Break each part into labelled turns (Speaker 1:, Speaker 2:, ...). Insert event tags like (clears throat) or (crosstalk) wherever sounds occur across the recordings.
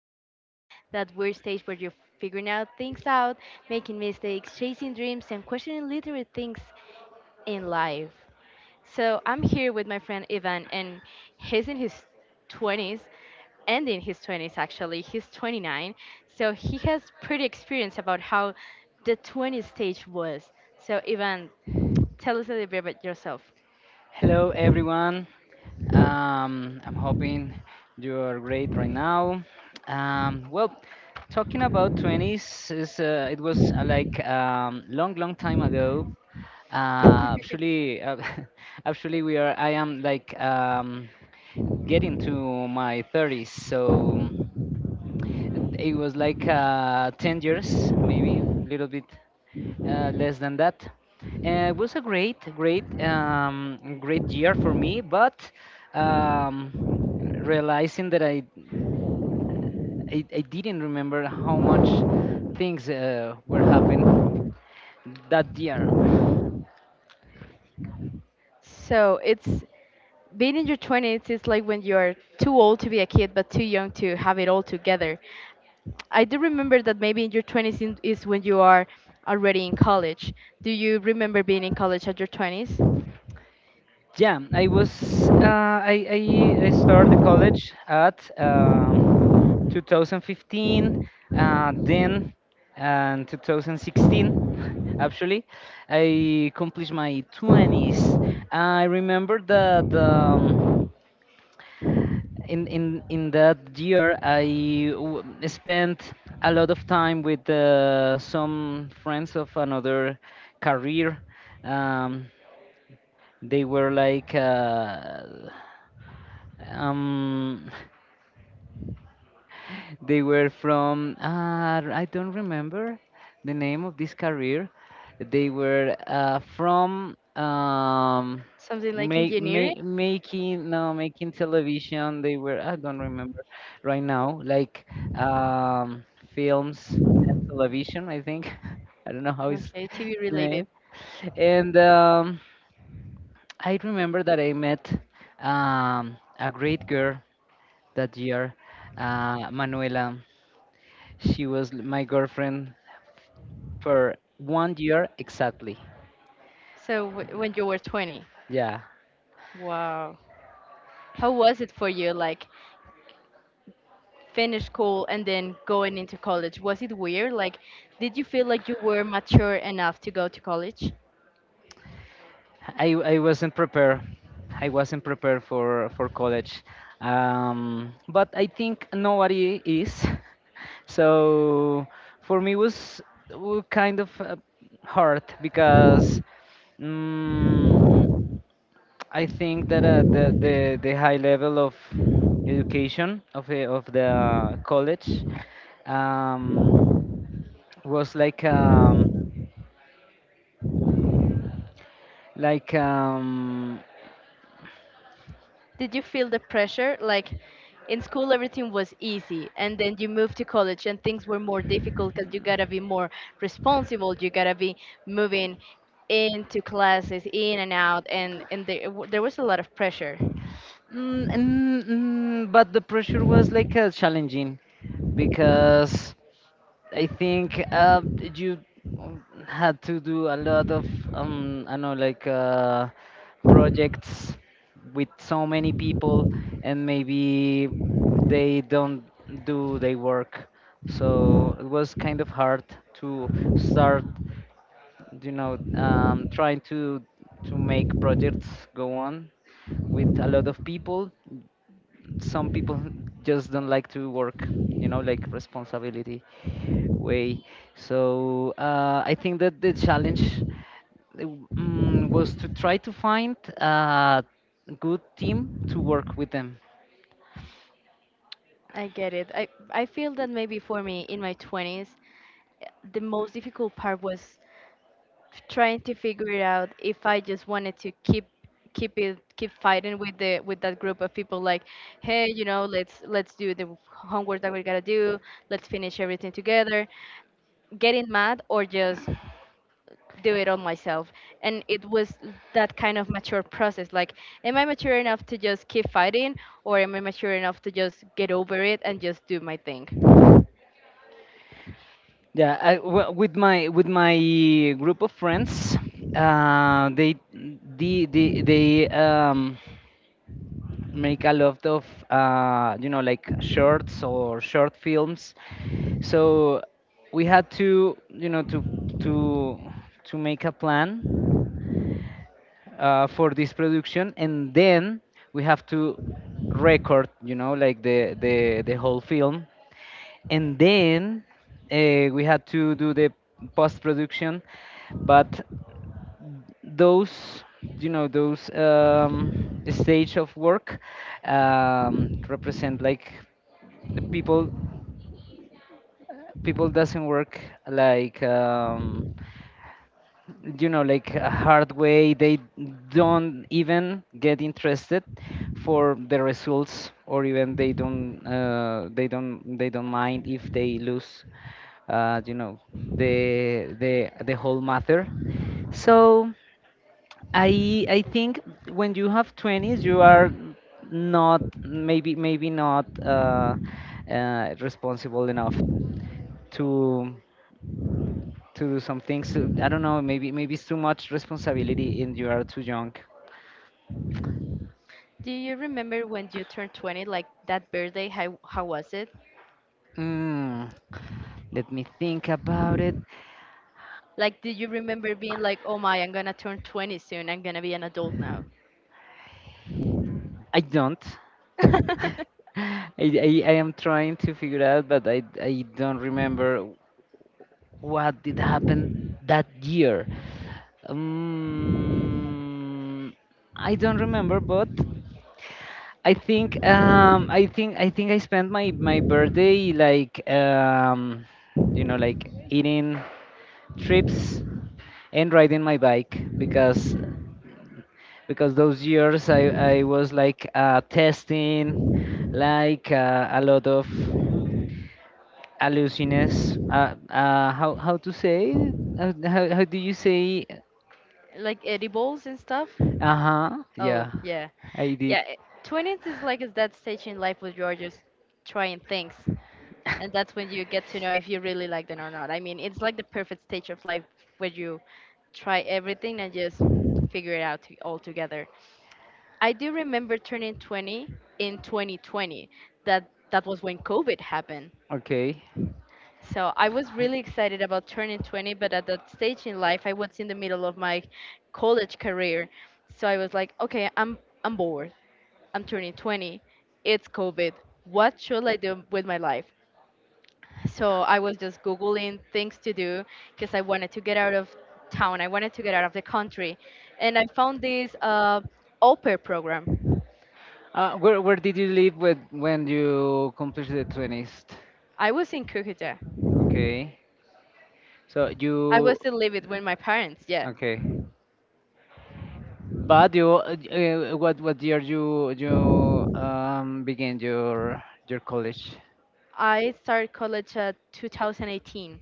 Speaker 1: 20s, that weird stage where you're figuring out things out, making mistakes, chasing dreams, and questioning literal things in life. So I'm here with my friend Ivan, and he's in his 20s, ending his 20s actually. He's 29, so he has pretty experience about how the 20s stage was. So Ivan, tell us a little bit about yourself.
Speaker 2: Hello, everyone. I'm hoping you are great right now. Um, well, Talking about 20s is it was like long, long time ago. Uh, actually, uh, (laughs) actually, we are. I am getting to my 30s, so it was 10 years, maybe a little bit less than that. It was a great year for me, but um, realizing that I didn't remember how much things were happening that year.
Speaker 1: So it's being in your 20s is like when you're too old to be a kid but too young to have it all together. I do remember that maybe in your 20s is when you are already in college. Do you remember being in college at your 20s?
Speaker 2: Yeah, I was, I started college at 2015, then and 2016. Actually, I accomplished my 20s. I remember that in that year spent a lot of time with some friends of another career. Um, they were like uh, um, They were from, I don't remember the name of this career. They were from
Speaker 1: Something like
Speaker 2: make,
Speaker 1: engineering.
Speaker 2: make, making no making television. They were, I don't remember right now, um, films, television. I think. (laughs) I don't know how is
Speaker 1: Okay, TV
Speaker 2: the
Speaker 1: related.
Speaker 2: name. And I remember that I met a great girl that year, Manuela. She was my girlfriend for 1 year exactly.
Speaker 1: So when you were 20,
Speaker 2: Yeah,
Speaker 1: wow, how was it for you? Like, finish school and then going into college, was it weird? Like, did you feel like you were mature enough to go to college?
Speaker 2: I wasn't prepared. I wasn't prepared for college. But I think nobody is. (laughs) So for me was kind of hard because mm, I think that the high level of education of the college, um, was like. Like,
Speaker 1: Did you feel the pressure? Like, in school, everything was easy, and then you moved to college, and things were more difficult because you gotta be more responsible. You gotta be moving into classes, in and out, and there, there was a lot of pressure.
Speaker 2: mm, mm, mm, but the pressure was challenging because I think you had to do a lot of, I know, like projects with so many people, and maybe they don't do their work. So it was kind of hard to start, trying to make projects go on with a lot of people. Some people (laughs) just don't like to work, like responsibility way. So I think that the challenge, uh, was to try to find a good team to work with them.
Speaker 1: I get it. I feel that maybe for me in my twenties, the most difficult part was trying to figure out if I just wanted to keep keep it keep fighting with the with that group of people, like, hey, let's do the homework that we gotta do, let's finish everything together, getting mad, or just do it on myself. And it was that kind of mature process, like, am I mature enough to just keep fighting, or am I mature enough to just get over it and just do my thing?
Speaker 2: Yeah, with my with my group of friends, they the they make a lot of, you know, like shorts or short films, so we had to, you know, to to make a plan for this production, and then we have to record, you know, like the whole film, and then we had to do the post production. But those, you know, those stage of work represent like the people, people doesn't work like, you know, like a hard way. They don't even get interested for the results, or even they don't, they don't mind if they lose, you know, the whole matter. So I think when you have 20s you are not, maybe not responsible enough to do some things. I don't know, maybe it's too much responsibility and you are too young.
Speaker 1: Do you remember when you turned 20, like that birthday? How was it?
Speaker 2: Mm, Let me think about it.
Speaker 1: Like, did you remember being like, oh my, I'm gonna turn 20 soon, I'm gonna be an adult now?
Speaker 2: I don't.
Speaker 1: (laughs)
Speaker 2: (laughs) I am trying to figure out, but I don't remember what did happen that year. Um, I don't remember, but I think, I think I spent my birthday you know, like eating, trips, and riding my bike, because those years I was testing a lot of hallucines. How to say it? Do you say?
Speaker 1: like edibles and stuff?
Speaker 2: Uh-huh,
Speaker 1: Oh,
Speaker 2: yeah,
Speaker 1: yeah.
Speaker 2: I did.
Speaker 1: Yeah, 20s is like is that stage in life where you're just trying things. And that's when you get to know if you really like them or not. I mean, it's like the perfect stage of life where you try everything and just figure it out to, all together. I do remember turning 20 in 2020. That was when COVID happened.
Speaker 2: Okay,
Speaker 1: So I was really excited about turning 20, but at that stage in life, I was in the middle of my college career. So I was like, okay, I'm bored. I'm turning 20. It's COVID. What should I do with my life? So I was just googling things to do because I wanted to get out of town. I wanted to get out of the country, and I found this au pair program.
Speaker 2: where where did you live with when you completed the 20s?
Speaker 1: I was in Cucuta.
Speaker 2: Okay, so
Speaker 1: I
Speaker 2: you.
Speaker 1: was still living with my parents. Yeah,
Speaker 2: Okay. But you, what year you you began your college?
Speaker 1: I started college at 2018.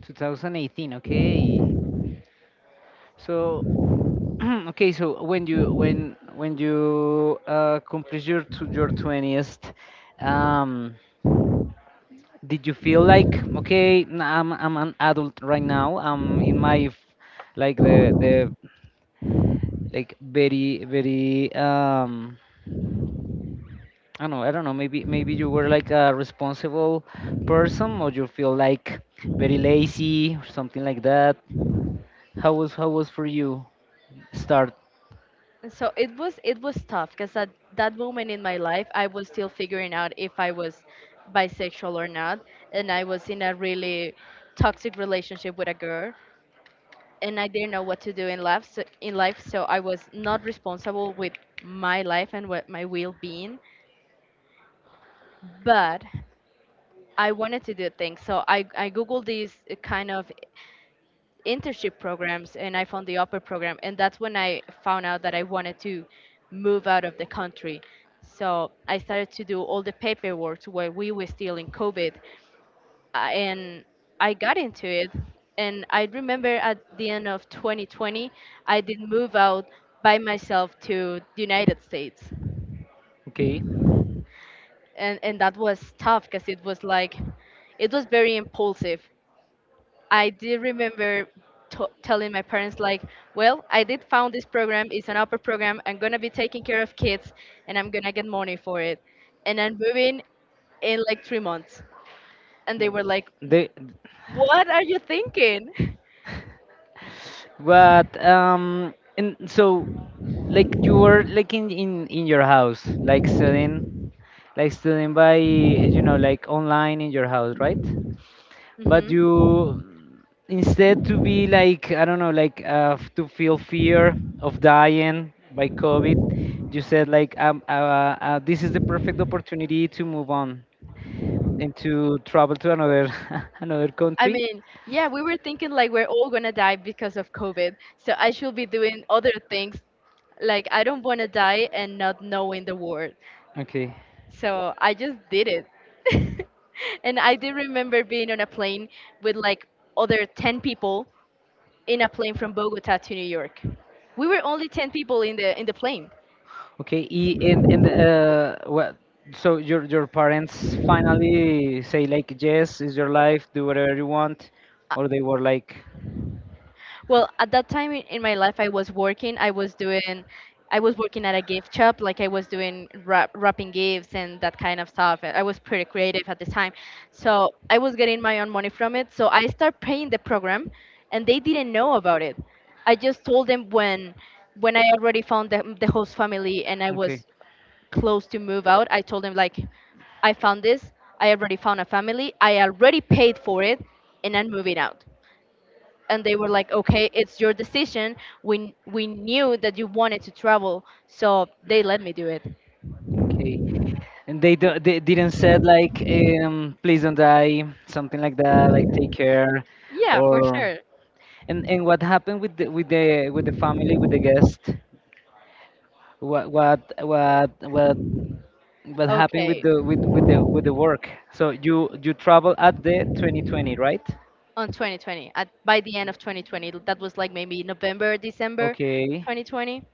Speaker 2: 2018. Okay. So (clears throat) okay. So when you complete your to your twentieth, um, did you feel like, okay, I'm an adult right now? I'm in my like the like very very I don't know, maybe maybe you were like a responsible person, or you feel like very lazy or something like that? How was for you start?
Speaker 1: And so it was tough because at that moment in my life, I was still figuring out if I was bisexual or not, and I was in a really toxic relationship with a girl, and I didn't know what to do in life. So, I was not responsible with my life and what my well-being. But I wanted to do things, so I googled these kind of internship programs, and I found the upper program, and that's when I found out that I wanted to move out of the country. So I started to do all the paperwork while we were still in COVID, and I got into it. And I remember at the end of 2020, I did move out by myself to the United States.
Speaker 2: Okay.
Speaker 1: And that was tough because it was very impulsive. I did remember telling my parents like, well, I did found this program. It's an upper program. I'm gonna be taking care of kids, and I'm gonna get money for it. And I'm moving in like 3 months. And they were like,
Speaker 2: The
Speaker 1: what are you thinking?
Speaker 2: but and so like you were like in your house, like studying, like studying by, you know, like online in your house, right?
Speaker 1: (laughs)
Speaker 2: But
Speaker 1: hmm.
Speaker 2: you, instead to be like, I don't know, like, to feel fear of dying by covid, you said like, this is the perfect opportunity to move on and to travel to another (laughs) another
Speaker 1: I
Speaker 2: country.
Speaker 1: mean, yeah, we were thinking like we're all gonna die because of COVID, so I should be doing other things. Like, I don't wanna die and not knowing the world.
Speaker 2: Okay.
Speaker 1: So I just did it. (laughs) and I did remember being on a plane with like other 10 people in a plane from Bogota to New York. We were only 10 people in the plane.
Speaker 2: Okay, and what, so your parents finally say like, yes, is your life, do whatever you want, or they were like?
Speaker 1: Well, at that time in my life, I was working. I was working at a gift shop. Like, I was doing wrapping gifts and that kind of stuff. And I was pretty creative at the time, so I was getting my own money from it. So I started paying the program, and they didn't know about it. I just told them when I already found the host family, and I
Speaker 2: Okay.
Speaker 1: was close to move out. I told them like, I found this. I already found a family. I already paid for it, and I'm moving out. And they were like, okay, it's your decision. We knew that you wanted to travel, so they let me do it.
Speaker 2: Okay. And they do, they didn't said like, please don't die, something like that, like take care
Speaker 1: Yeah, for
Speaker 2: or sure.
Speaker 1: sure.
Speaker 2: And what happened with the with the with the family, with the guest? What what what what what happened with
Speaker 1: Okay.
Speaker 2: the with with the work? So you travel at the 2020, right?
Speaker 1: On 2020 by the end of 2020, that was like maybe November, December
Speaker 2: Okay.
Speaker 1: 2020.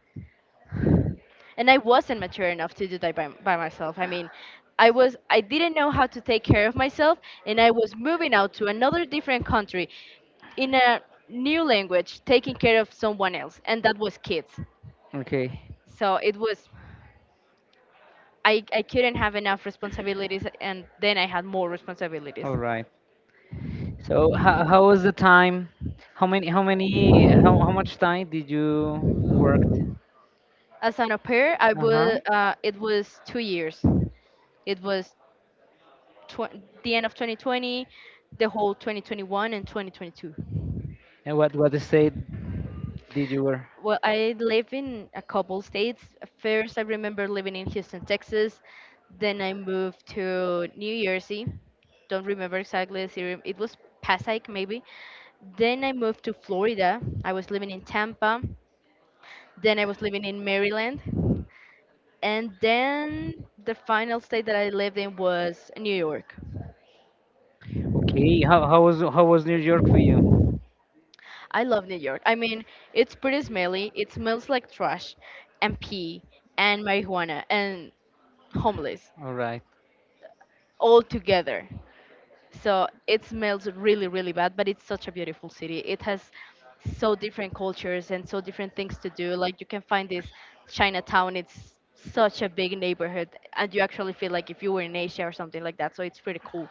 Speaker 1: And I wasn't mature enough to do that by myself. I mean, I didn't know how to take care of myself. And I was moving out to another different country, in a new language, taking care of someone else, and that was kids.
Speaker 2: a Okay. (laughs)
Speaker 1: So it was, I couldn't have enough responsibilities, and then I had more responsibilities.
Speaker 2: All right. So how was the time? How much time did you work?
Speaker 1: As an au pair,
Speaker 2: Uh-huh.
Speaker 1: it was 2 years. It was tw- the end of 2020, the whole 2021 and 2022.
Speaker 2: And what state did you work?
Speaker 1: Well, I live in a couple states. First, I remember living in Houston, Texas. Then I moved to New Jersey. Don't remember exactly the city. It was Passaic, maybe. Then I moved to Florida. I was living in Tampa. Then I was living in Maryland. And then the final state that I lived in was New York.
Speaker 2: Okay. How was New York for you?
Speaker 1: I love New York. I mean, it's pretty smelly. It smells like trash and pee and marijuana and homeless
Speaker 2: All right.
Speaker 1: all together. So it smells really, really bad, but it's such a beautiful city. It has so different cultures and so different things to do. Like, you can find this Chinatown. It's such a big neighborhood, and you actually feel like if you were in Asia or something like that. So it's pretty cool.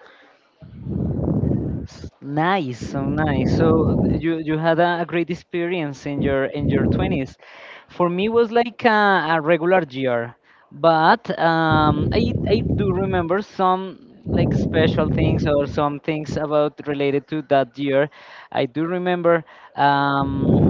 Speaker 2: Nice. So you you had a great experience in your twenties. For me, it was like a regular year, but I do remember some like special things or some things about related to that year. I do remember. Um,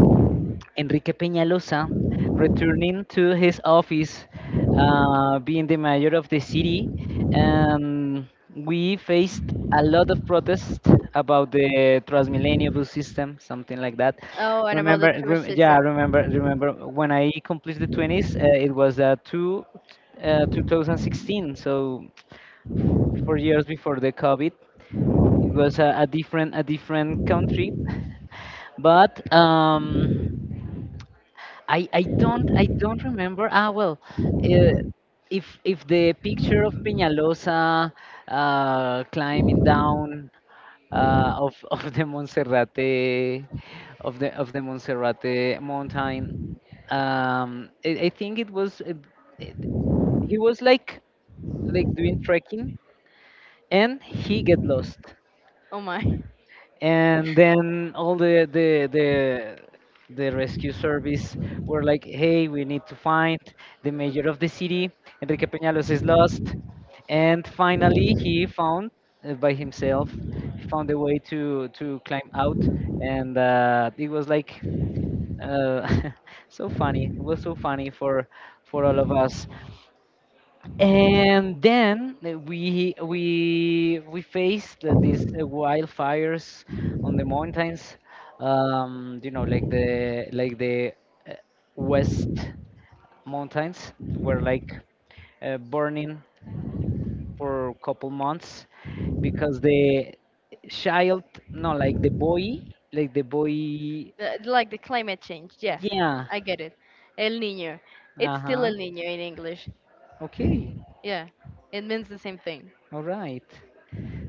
Speaker 2: Enrique Peñalosa returning to his office, being the mayor of the city, and we faced a lot of protests about the Transmilenio bus system, something like that.
Speaker 1: Oh, and about the
Speaker 2: Remember,
Speaker 1: tourist
Speaker 2: yeah,
Speaker 1: system.
Speaker 2: remember when I completed the 20s, 2016, so 4 years before the COVID. It was a different country, (laughs) but. I don't remember. Ah well, uh, if if the picture of Peñalosa climbing down of (laughs) of the Monserrate of the Monserrate mountain, I think it was it, he was like doing trekking and he get lost.
Speaker 1: Oh my.
Speaker 2: And then all the rescue service were like, hey, we need to find the mayor of the city, Enrique Peñalos is lost. And finally he found by himself, found a way to climb out. And it was like, uh, (laughs) so funny. It was so funny for all of us. And then we faced these wildfires on the mountains. You know, like the uh, west mountains were like burning for a couple months because the child, no, like the boy, like the boy.
Speaker 1: Like the climate change. Yeah,
Speaker 2: Yeah,
Speaker 1: I get it. El Niño. It's still El
Speaker 2: uh-huh,
Speaker 1: Niño in English.
Speaker 2: okay,
Speaker 1: Yeah, it means the same thing.
Speaker 2: all right.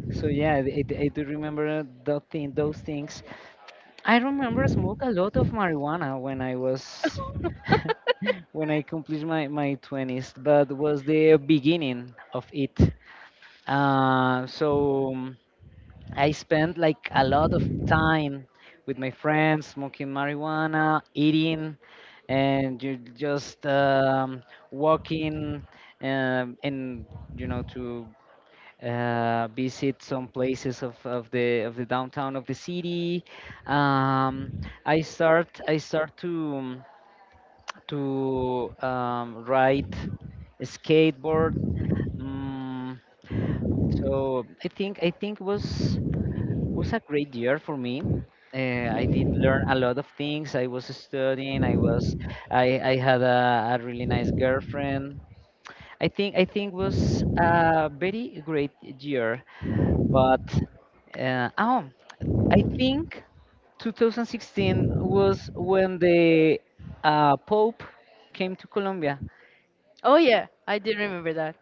Speaker 2: So yeah, I do remember that thing, those things. I remember smoke a lot of marijuana when I was (laughs)
Speaker 1: (laughs)
Speaker 2: when I completed my my twenties, but was the beginning of it. Uh, so um, I spent like a lot of time with my friends smoking marijuana, eating, and you just, walking, and you know, to visit some places of the downtown of the city. Um, I start to ride a skateboard. Mm, so I think was a great year for me. I did learn a lot of things. I was studying. I had a really nice girlfriend. I think was a very great year. But uh, oh, I think 2016 was when the Pope came to Colombia.
Speaker 1: Oh yeah, I did remember that.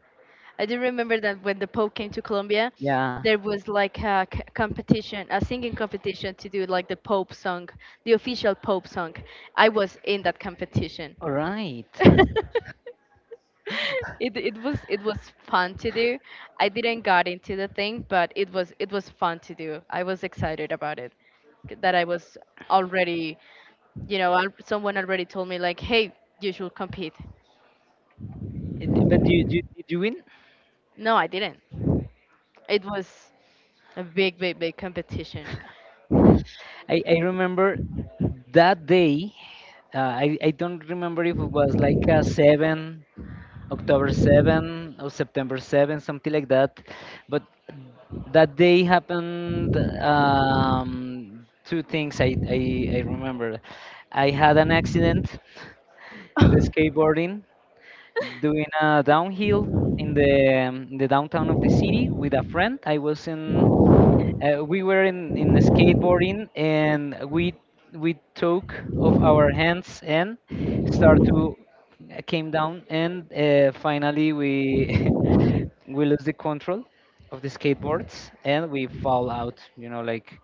Speaker 1: I did remember that when the Pope came to Colombia,
Speaker 2: Yeah,
Speaker 1: there was like a competition, a singing competition to do like the Pope song, the official Pope song. I was in that competition.
Speaker 2: all right.
Speaker 1: (laughs) It was fun to do. I didn't got into the thing, but it was fun to do. I was excited about it, that I was already, someone already told me like, hey, you should compete.
Speaker 2: It, but you, did you win?
Speaker 1: No, I didn't. It was a big, big, big competition.
Speaker 2: I remember that day. I don't remember if it was like a 7, October 7 or September 7, something like that. But that day happened, two things I remember. I had an accident in the skateboarding doing a downhill in the, in the downtown of the city with a friend. I was in we were in the skateboarding and we took off our hands and start to came down. And finally we (laughs) we lose the control of the skateboards, and we fall out. You know, like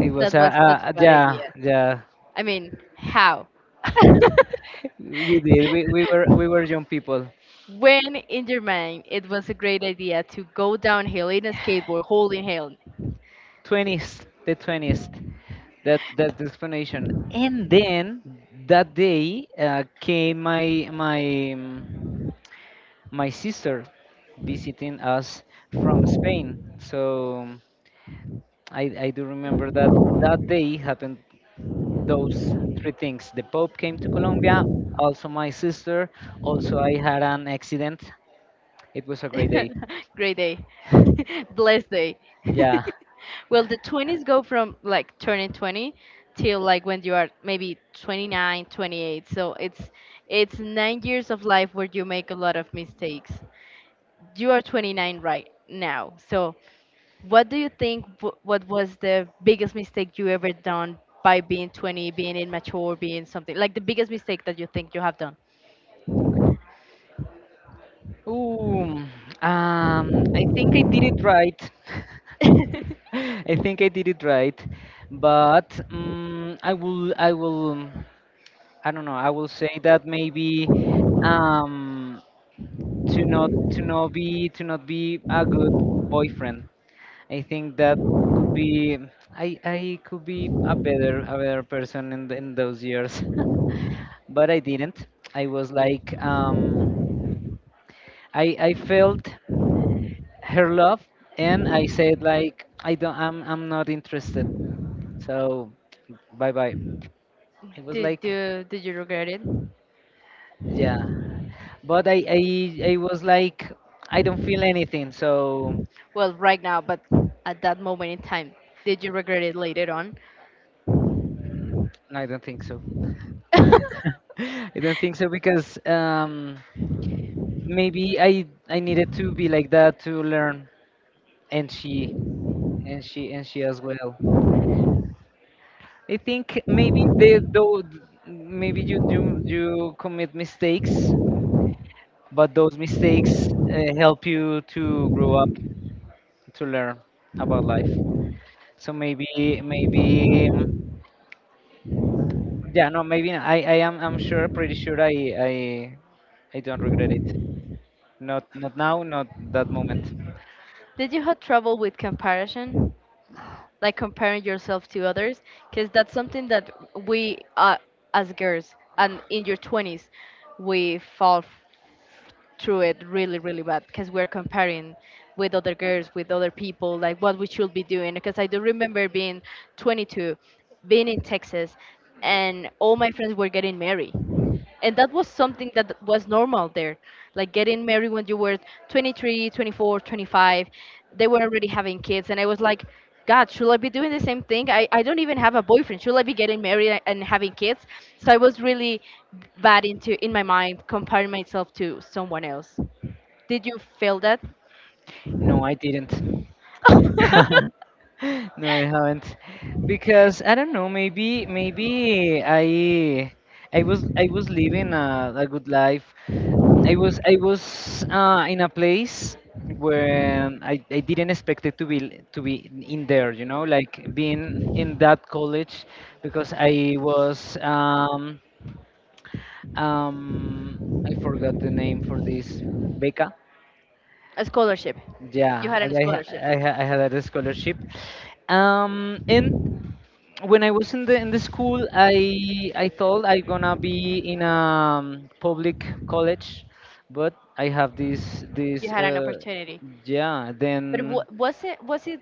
Speaker 2: it was
Speaker 1: That
Speaker 2: a,
Speaker 1: was such a bad
Speaker 2: yeah
Speaker 1: idea.
Speaker 2: yeah.
Speaker 1: I mean, how?
Speaker 2: (laughs) we did we were
Speaker 1: (laughs)
Speaker 2: young people.
Speaker 1: When in your mind it was a great idea to go downhill in a skateboard holding hand.
Speaker 2: 20s, the 20s. That that's the explanation. And then that day came my um, my sister visiting us from Spain. So I do remember that that day happened those three things. The Pope came to Colombia, also my sister, also I had an accident. It was a great day.
Speaker 1: (laughs) great day. (laughs) Blessed day. (laughs)
Speaker 2: Yeah.
Speaker 1: well, the 20s go from like turning 20 till like when you are maybe 29, 28. So it's 9 years of life where you make a lot of mistakes. You are 29 right now. So, what do you think? What was the biggest mistake you ever done by being 20, being immature, being something like the biggest mistake that you think you have done?
Speaker 2: Ooh, I think I did it right.
Speaker 1: (laughs)
Speaker 2: (laughs) I think I did it right, but I don't know. I will say that maybe um, to not be a good boyfriend. I think that could be I could be a better person in those years, (laughs) but I didn't. I was like I felt her love, and I said like I don't I'm not interested. So bye bye. It was
Speaker 1: Did
Speaker 2: like
Speaker 1: you did you regret it?
Speaker 2: yeah, but I was like I don't feel anything. So
Speaker 1: Well, right now, but at that moment in time, did you regret it later on?
Speaker 2: no, I don't think so. (laughs) I don't think so because maybe I needed to be like that to learn, and she as well. I think maybe they though maybe you commit mistakes, but those mistakes help you to grow up, to learn about life. So maybe maybe yeah no maybe I am I'm pretty sure I don't regret it. Not now, not that moment.
Speaker 1: Did you have trouble with comparison? Like, comparing yourself to others? Because that's something that we, as girls and in your 20s, we fall through it really, really bad because we're comparing with other girls, with other people, like what we should be doing. Because I do remember being 22, being in Texas, and all my friends were getting married, and that was something that was normal there, like getting married when you were 23, 24, 25. They were already having kids, and I was like, "God, should I be doing the same thing? I don't even have a boyfriend. Should I be getting married and having kids?" So I was really bad into in my mind, comparing myself to someone else. Did you feel that?
Speaker 2: No, I didn't.
Speaker 1: (laughs)
Speaker 2: (laughs) No, I haven't. Because I don't know, maybe I was, I was living a good life. I was, I was in a place where I didn't expect it to be, to be in there, you know, like being in that college because I was um I forgot the name for this beca.
Speaker 1: A scholarship. You
Speaker 2: Yeah,
Speaker 1: had a
Speaker 2: and
Speaker 1: scholarship.
Speaker 2: I had a scholarship. And when I was in the school, I thought I gonna be in a public college, but I have this
Speaker 1: You
Speaker 2: this
Speaker 1: had an
Speaker 2: uh,
Speaker 1: opportunity.
Speaker 2: Yeah.
Speaker 1: But
Speaker 2: Then
Speaker 1: was it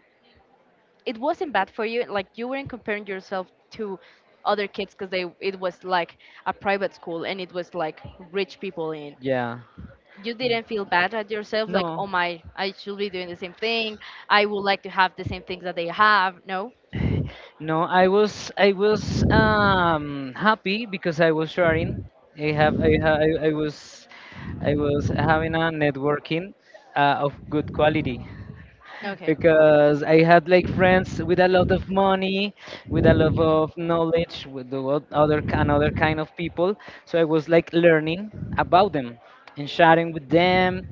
Speaker 1: it wasn't bad for you, like, you weren't comparing yourself to other kids because they — it was like a private school, and it was like rich people in —
Speaker 2: yeah,
Speaker 1: you didn't feel bad at yourself, like,
Speaker 2: no.
Speaker 1: "Oh my, I should be doing the same thing. I would like to have the same things that they have"? No?
Speaker 2: No, I was, I was happy because I was sharing. I have I ha, I was, I was having a networking of good quality. (laughs)
Speaker 1: Okay.
Speaker 2: Because I had like friends with a lot of money, with a lot of knowledge, with the what- other ki- another kind of people. So I was like learning about them and sharing with them.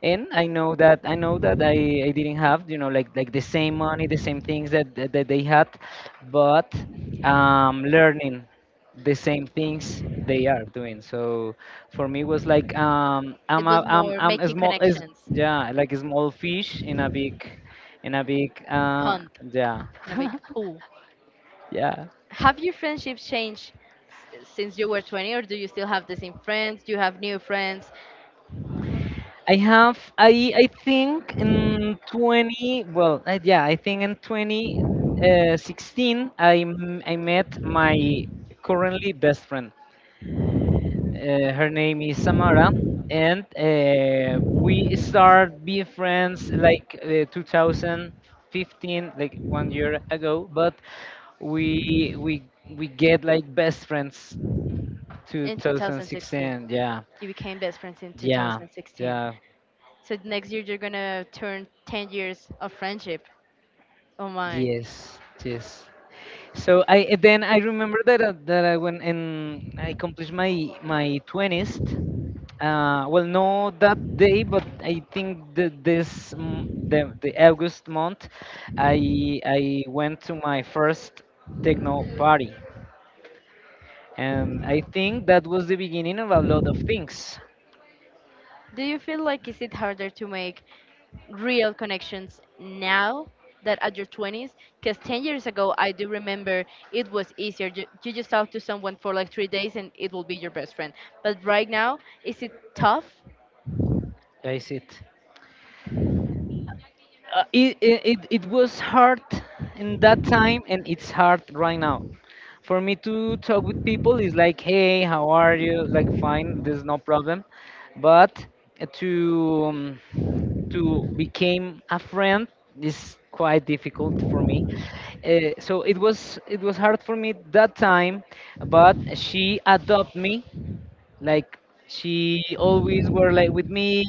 Speaker 2: And I know that I didn't have, you know, like the same money, the same things that that they had, but learning the same things they are doing. So for me, it was like
Speaker 1: It was more
Speaker 2: I'm a
Speaker 1: making
Speaker 2: small is
Speaker 1: connections.
Speaker 2: yeah, like a small fish in a big, in a big uh,
Speaker 1: Hunt.
Speaker 2: yeah
Speaker 1: In a big pool.
Speaker 2: yeah.
Speaker 1: Have your friendships changed since you were 20, or do you still have the same friends? Do you have new friends?
Speaker 2: I have I think in 20, well yeah, I think in 2016 I met my currently best friend. Her name is Samara, and we start being friends like 2015, like 1 year ago. But we we we get like best friends
Speaker 1: In 2016,
Speaker 2: 2016. Yeah,
Speaker 1: you became best friends in
Speaker 2: yeah,
Speaker 1: 2016.
Speaker 2: yeah.
Speaker 1: So next year you're gonna turn 10 years of friendship. Oh my.
Speaker 2: Yes, yes. So I, then I remember that that I went and I accomplished my my 20th. Well, no, that day, but I think that this m- the August month, I went to my first techno party, and I think that was the beginning of a lot of things.
Speaker 1: Do you feel like, is it harder to make real connections now that at your 20s, because 10 years ago I do remember it was easier. You just talk to someone for like 3 days and it will be your best friend, but right now, is it tough?
Speaker 2: Guys, it it was hard in that time, and it's hard right now. For me to talk with people is like, hey, how are you? Like, fine, there's no problem, but to um, to became a friend is quite difficult for me. So it was, it was hard for me that time, but she adopted me. Like she always were like with me.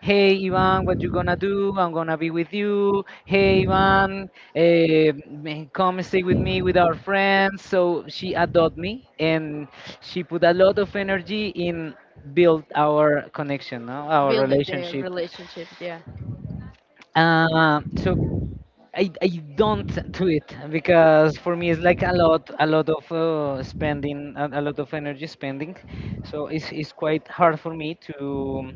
Speaker 2: Hey Ivan, what you gonna do? I'm gonna be with you. Hey Ivan, come stay with me with our friends. So she adopted me, and she put a lot of energy in build our connection, no? Our
Speaker 1: Building the
Speaker 2: relationship.
Speaker 1: relationship, yeah.
Speaker 2: So I don't do it because for me it's like a lot of spending a lot of energy spending, so it's quite hard for me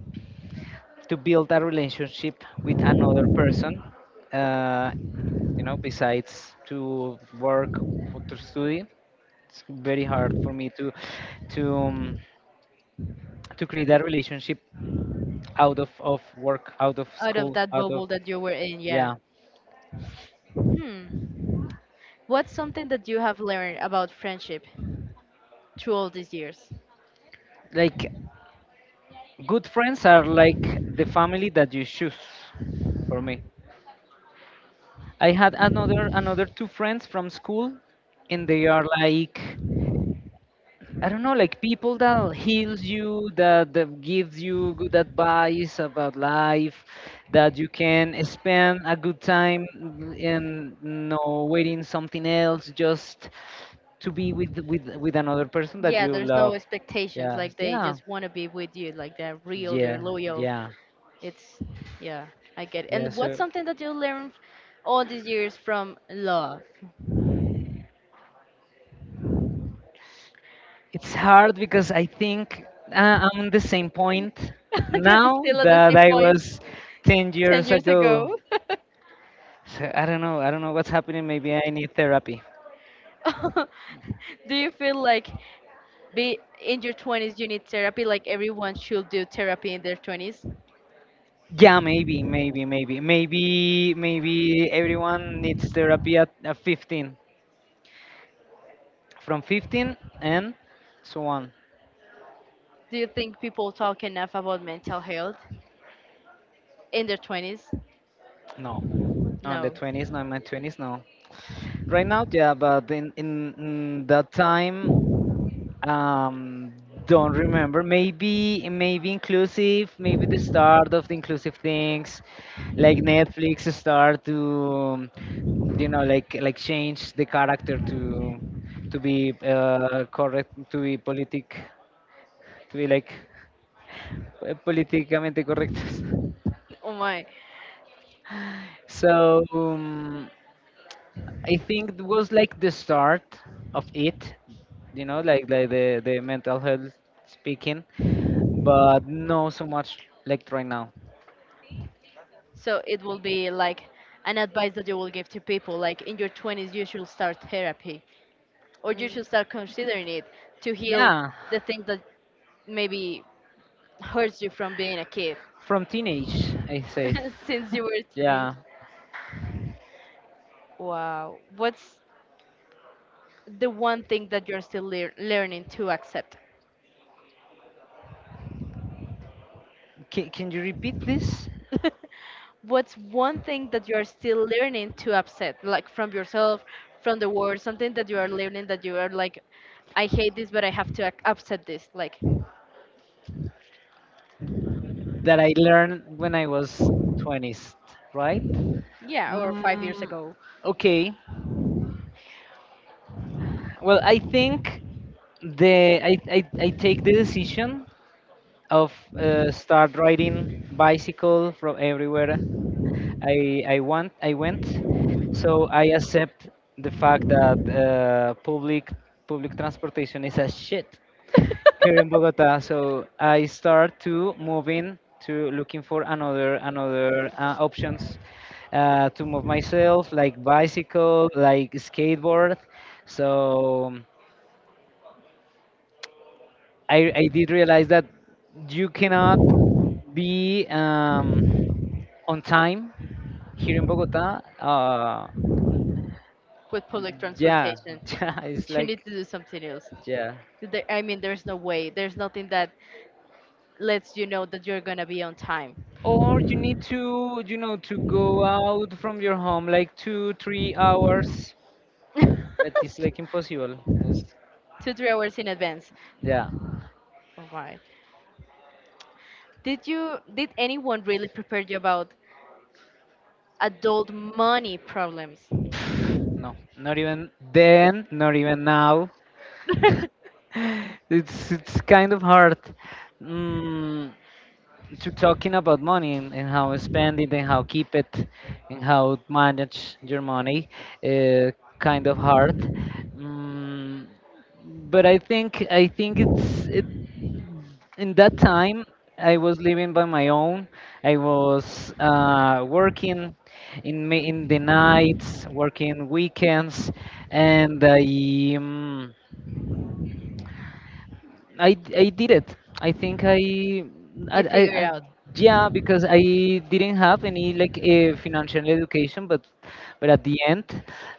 Speaker 2: to build a relationship with another person uh, you know, besides to work or to study, it's very hard for me to um, to create a relationship out of work, out of
Speaker 1: Out of
Speaker 2: school,
Speaker 1: that
Speaker 2: out of
Speaker 1: bubble that you were in, yeah.
Speaker 2: yeah,
Speaker 1: Hmm. What's something that you have learned about friendship through all these years?
Speaker 2: like. Good friends are like the family that you choose for me. I had another two friends from school, and they are like, I don't know, like people that heals you, that, that gives you good advice about life, that you can spend a good time and no waiting something else, just to be with another person that
Speaker 1: Yeah,
Speaker 2: you
Speaker 1: there's no
Speaker 2: love.
Speaker 1: expectations.
Speaker 2: Yeah,
Speaker 1: Like, they
Speaker 2: yeah,
Speaker 1: just want to be with you. Like, they're real, they're
Speaker 2: yeah,
Speaker 1: loyal.
Speaker 2: yeah,
Speaker 1: It's — yeah, I get it.
Speaker 2: yeah.
Speaker 1: And what's
Speaker 2: So
Speaker 1: something that you learned all these years from love?
Speaker 2: it's hard because I think I'm on the same point
Speaker 1: (laughs) You're
Speaker 2: now
Speaker 1: still at the
Speaker 2: that
Speaker 1: same
Speaker 2: I
Speaker 1: point
Speaker 2: was 10
Speaker 1: 10
Speaker 2: years
Speaker 1: years
Speaker 2: ago.
Speaker 1: ago. (laughs)
Speaker 2: So I don't know. I don't know what's happening. Maybe I need therapy.
Speaker 1: (laughs) Do you feel like, be in your 20s you need therapy, like everyone should do therapy in their 20s?
Speaker 2: Yeah, maybe everyone needs therapy at 15. From 15 and so on.
Speaker 1: Do you think people talk enough about mental health in their 20s?
Speaker 2: No, on the
Speaker 1: No?
Speaker 2: 20s, not in my 20s, no. Right now, yeah, but in that time, Um, don't remember. Maybe maybe inclusive. Maybe the start of the inclusive things, like Netflix start to, you know, like change the character to be correct, to be politic, to be like politicamente correctos. (laughs)
Speaker 1: (laughs) Oh my.
Speaker 2: So I think it was like the start of it, you know, like the mental health speaking. But no so much like right now.
Speaker 1: So it will be like an advice that you will give to people, like, in your 20s you should start therapy, or you should start considering it to heal
Speaker 2: Yeah,
Speaker 1: the things that maybe hurts you from being a kid.
Speaker 2: from teenage, I say.
Speaker 1: (laughs) Since you were
Speaker 2: (laughs)
Speaker 1: a teenage.
Speaker 2: Yeah.
Speaker 1: Wow. What's the one thing that you're still learning to accept?
Speaker 2: Can you repeat, please?
Speaker 1: What's one thing that you are still learning to accept, like, from yourself, from the world, something that you are learning that you are like, "I hate this, but I have to accept this," like?
Speaker 2: That I learned when I was 20s, right?
Speaker 1: Yeah, or 5 years
Speaker 2: Mm,
Speaker 1: ago.
Speaker 2: okay. Well, I think I take the decision of start riding bicycle from everywhere I went, so I accept the fact that public transportation is a shit here in Bogota. So I start to moving to looking for another options to move myself, like bicycle, like skateboard. So I did realize that you cannot be on time here in Bogota.
Speaker 1: With public
Speaker 2: Yeah,
Speaker 1: transportation.
Speaker 2: (laughs) yeah. It's
Speaker 1: You need
Speaker 2: like
Speaker 1: to do something else.
Speaker 2: yeah,
Speaker 1: I mean, there's no way, there's nothing that lets you know that you're gonna be on time.
Speaker 2: or you need to, you know, to go out from your home like two, 3 hours. That is
Speaker 1: (laughs) two
Speaker 2: like impossible. It's-
Speaker 1: three hours in advance.
Speaker 2: yeah.
Speaker 1: Oh my. Did you did anyone really prepare you about adult money problems?
Speaker 2: No, not even then, not even now. (laughs) It's kind of hard mm, to talking about money and how to spend it, and how keep it, and how manage your money. Uh, kind of hard. Mm, but I think it's it, in that time I was living by my own, I was working in the nights, working weekends, and Um, I I did it. I think
Speaker 1: You figure it
Speaker 2: I
Speaker 1: out.
Speaker 2: yeah, because I didn't have any like a financial education, but at the end,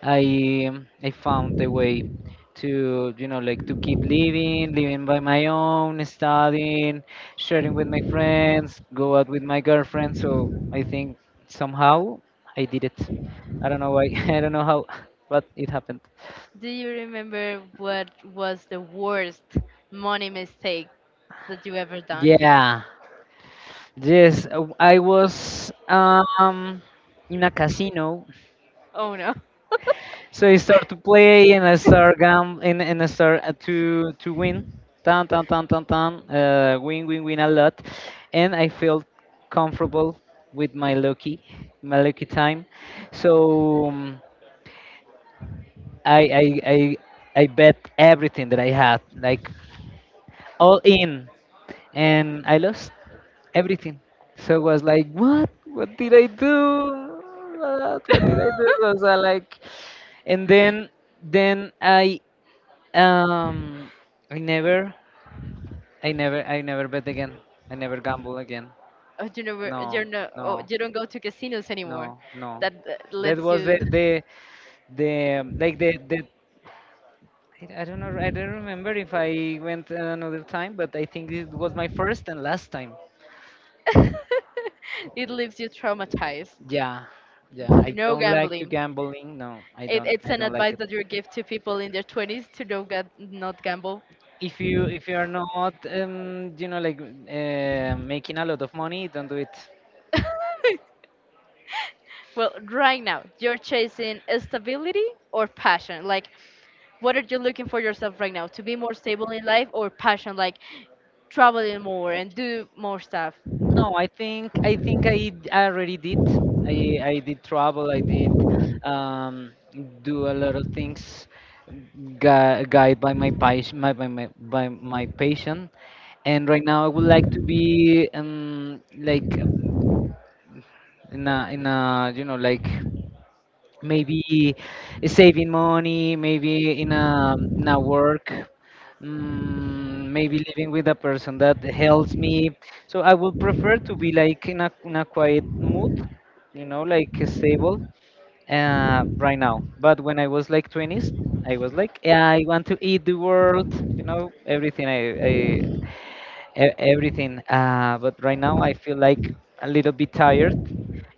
Speaker 2: I found a way to, you know, like to keep living, living by my own, studying, sharing with my friends, go out with my girlfriend. So I think somehow I did it. I don't know why. (laughs) I don't know how, (laughs) but it happened.
Speaker 1: Do you remember what was the worst money mistake that you ever done?
Speaker 2: Yeah, yes, I was in a casino,
Speaker 1: Oh no.
Speaker 2: so I start to play, and I start gam and I start to win, tan tan tan tan tan, win a lot, and I felt comfortable with my lucky time, so I I bet everything that I had, like all in, and I lost. Everything. So it was like, what? What did I do? What did I do? Was
Speaker 1: (laughs)
Speaker 2: I like, and then I um I never I never bet again. I never gamble again.
Speaker 1: Oh, you never —
Speaker 2: No,
Speaker 1: you're not — oh,
Speaker 2: no,
Speaker 1: you don't go to casinos anymore.
Speaker 2: no, no.
Speaker 1: That
Speaker 2: That
Speaker 1: lets
Speaker 2: was
Speaker 1: you —
Speaker 2: the the. I don't know. I don't remember if I went another time, but I think it was my first and last time.
Speaker 1: (laughs) it leaves you traumatized.
Speaker 2: Yeah, yeah. I
Speaker 1: No
Speaker 2: don't like to
Speaker 1: gambling.
Speaker 2: gambling. No, I
Speaker 1: It,
Speaker 2: don't.
Speaker 1: it's
Speaker 2: I
Speaker 1: an
Speaker 2: don't like
Speaker 1: advice
Speaker 2: it.
Speaker 1: that you give to people in their 20s to, no, not gamble.
Speaker 2: If you, if you are not um, you know, like making a lot of money, don't do it.
Speaker 1: (laughs) Well, right now, you're chasing stability or passion? Like, what are you looking for yourself right now? To be more stable in life or passion? Like, traveling more and do more stuff.
Speaker 2: No, I think I already did. I did travel. I did um do a lot of things guided by my passion, by my passion, and right now I would like to be um, like in a, in a, you know, like maybe saving money, maybe in a, in a work, mm, maybe living with a person that helps me, so I would prefer to be like in a quiet mood, you know, like stable right now, but when I was like 20s, I was like yeah, I want to eat the world, you know, everything I everything but right now I feel like a little bit tired,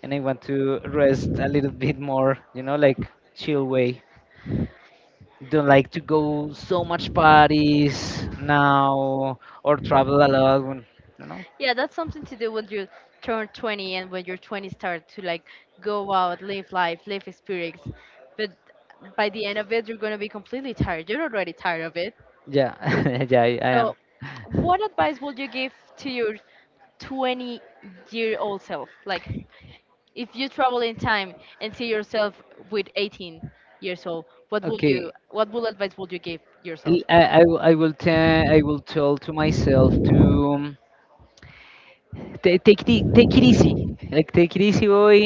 Speaker 2: and I want to rest a little bit more, you know, like chill way. Don't like to go so much parties now or travel a lot. When, you know?
Speaker 1: Yeah, that's something to do when you turn 20, and when you're 20 start to like go out, live life, live experience. But by the end of it, you're going to be completely tired. You're already tired of it.
Speaker 2: Yeah, (laughs) yeah, I am.
Speaker 1: So, what advice would you give to your 20-year-old self? Like, if you travel in time and see yourself with 18 years old,
Speaker 2: Okay.
Speaker 1: what would advice would you give yourself?
Speaker 2: I will tell, I will tell to myself to ta take it take it easy, like take it easy, boy.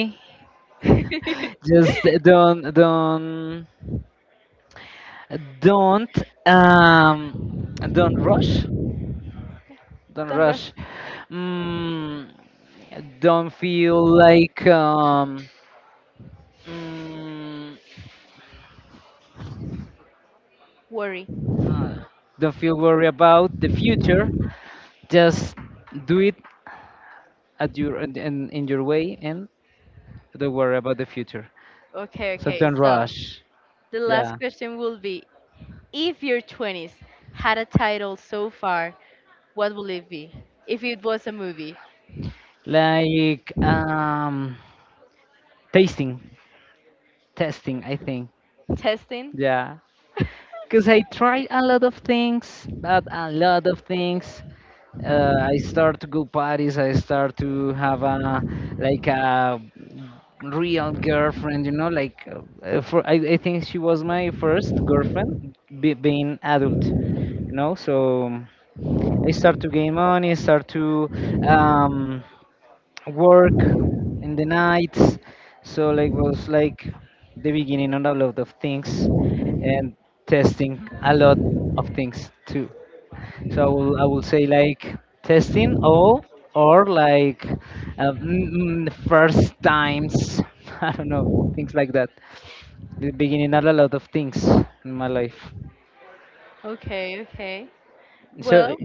Speaker 1: (laughs)
Speaker 2: (laughs) Just don't um don't rush. Don't
Speaker 1: Don't rush.
Speaker 2: rush. Mm, don't feel like mm,
Speaker 1: Worry.
Speaker 2: uh, don't feel worried about the future. Just do it at your in your way, and don't worry about the future.
Speaker 1: Okay,
Speaker 2: So
Speaker 1: okay.
Speaker 2: don't
Speaker 1: So
Speaker 2: rush.
Speaker 1: the last
Speaker 2: Yeah,
Speaker 1: question will be, if your 20s had a title so far, what will it be? If it was a movie.
Speaker 2: like tasting, testing. I think.
Speaker 1: Testing?
Speaker 2: Yeah,
Speaker 1: (laughs)
Speaker 2: because I tried a lot of things, but a lot of things, I start to go parties. I start to have a like a real girlfriend. You know, like for I think she was my first girlfriend, being adult. You know, so I start to gain money. Start to um, work in the nights. So like was like the beginning of a lot of things, and testing a lot of things too. So I will say like testing all or like first times. (laughs) I don't know, things like that. The beginning are a lot of things in my life.
Speaker 1: Okay, okay.
Speaker 2: So
Speaker 1: Well,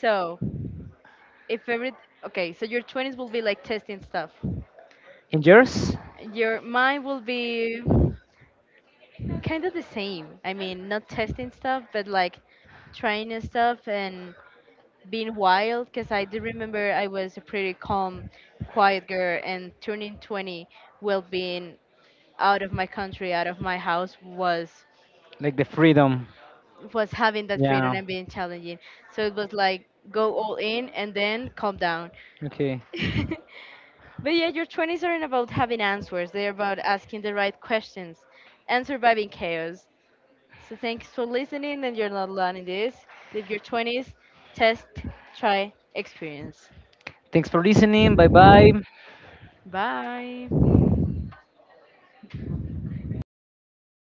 Speaker 1: so if every okay, so your 20s will be like testing stuff.
Speaker 2: in yours,
Speaker 1: Your mine will be kind of the same. I mean, not testing stuff, but like trying new stuff and being wild. Because I do remember I was a pretty calm, quiet girl, and turning 20 while being out of my country, out of my house, was
Speaker 2: like the freedom.
Speaker 1: was having that freedom
Speaker 2: Yeah.
Speaker 1: and being challenging. So it was like, go all in, and then calm down.
Speaker 2: Okay.
Speaker 1: (laughs) But yeah, your 20s aren't about having answers. They're about asking the right questions and surviving chaos. So thanks for listening, and you're not alone in this. Live your 20s, test, try, experience.
Speaker 2: Thanks for listening. Bye bye.
Speaker 1: Bye.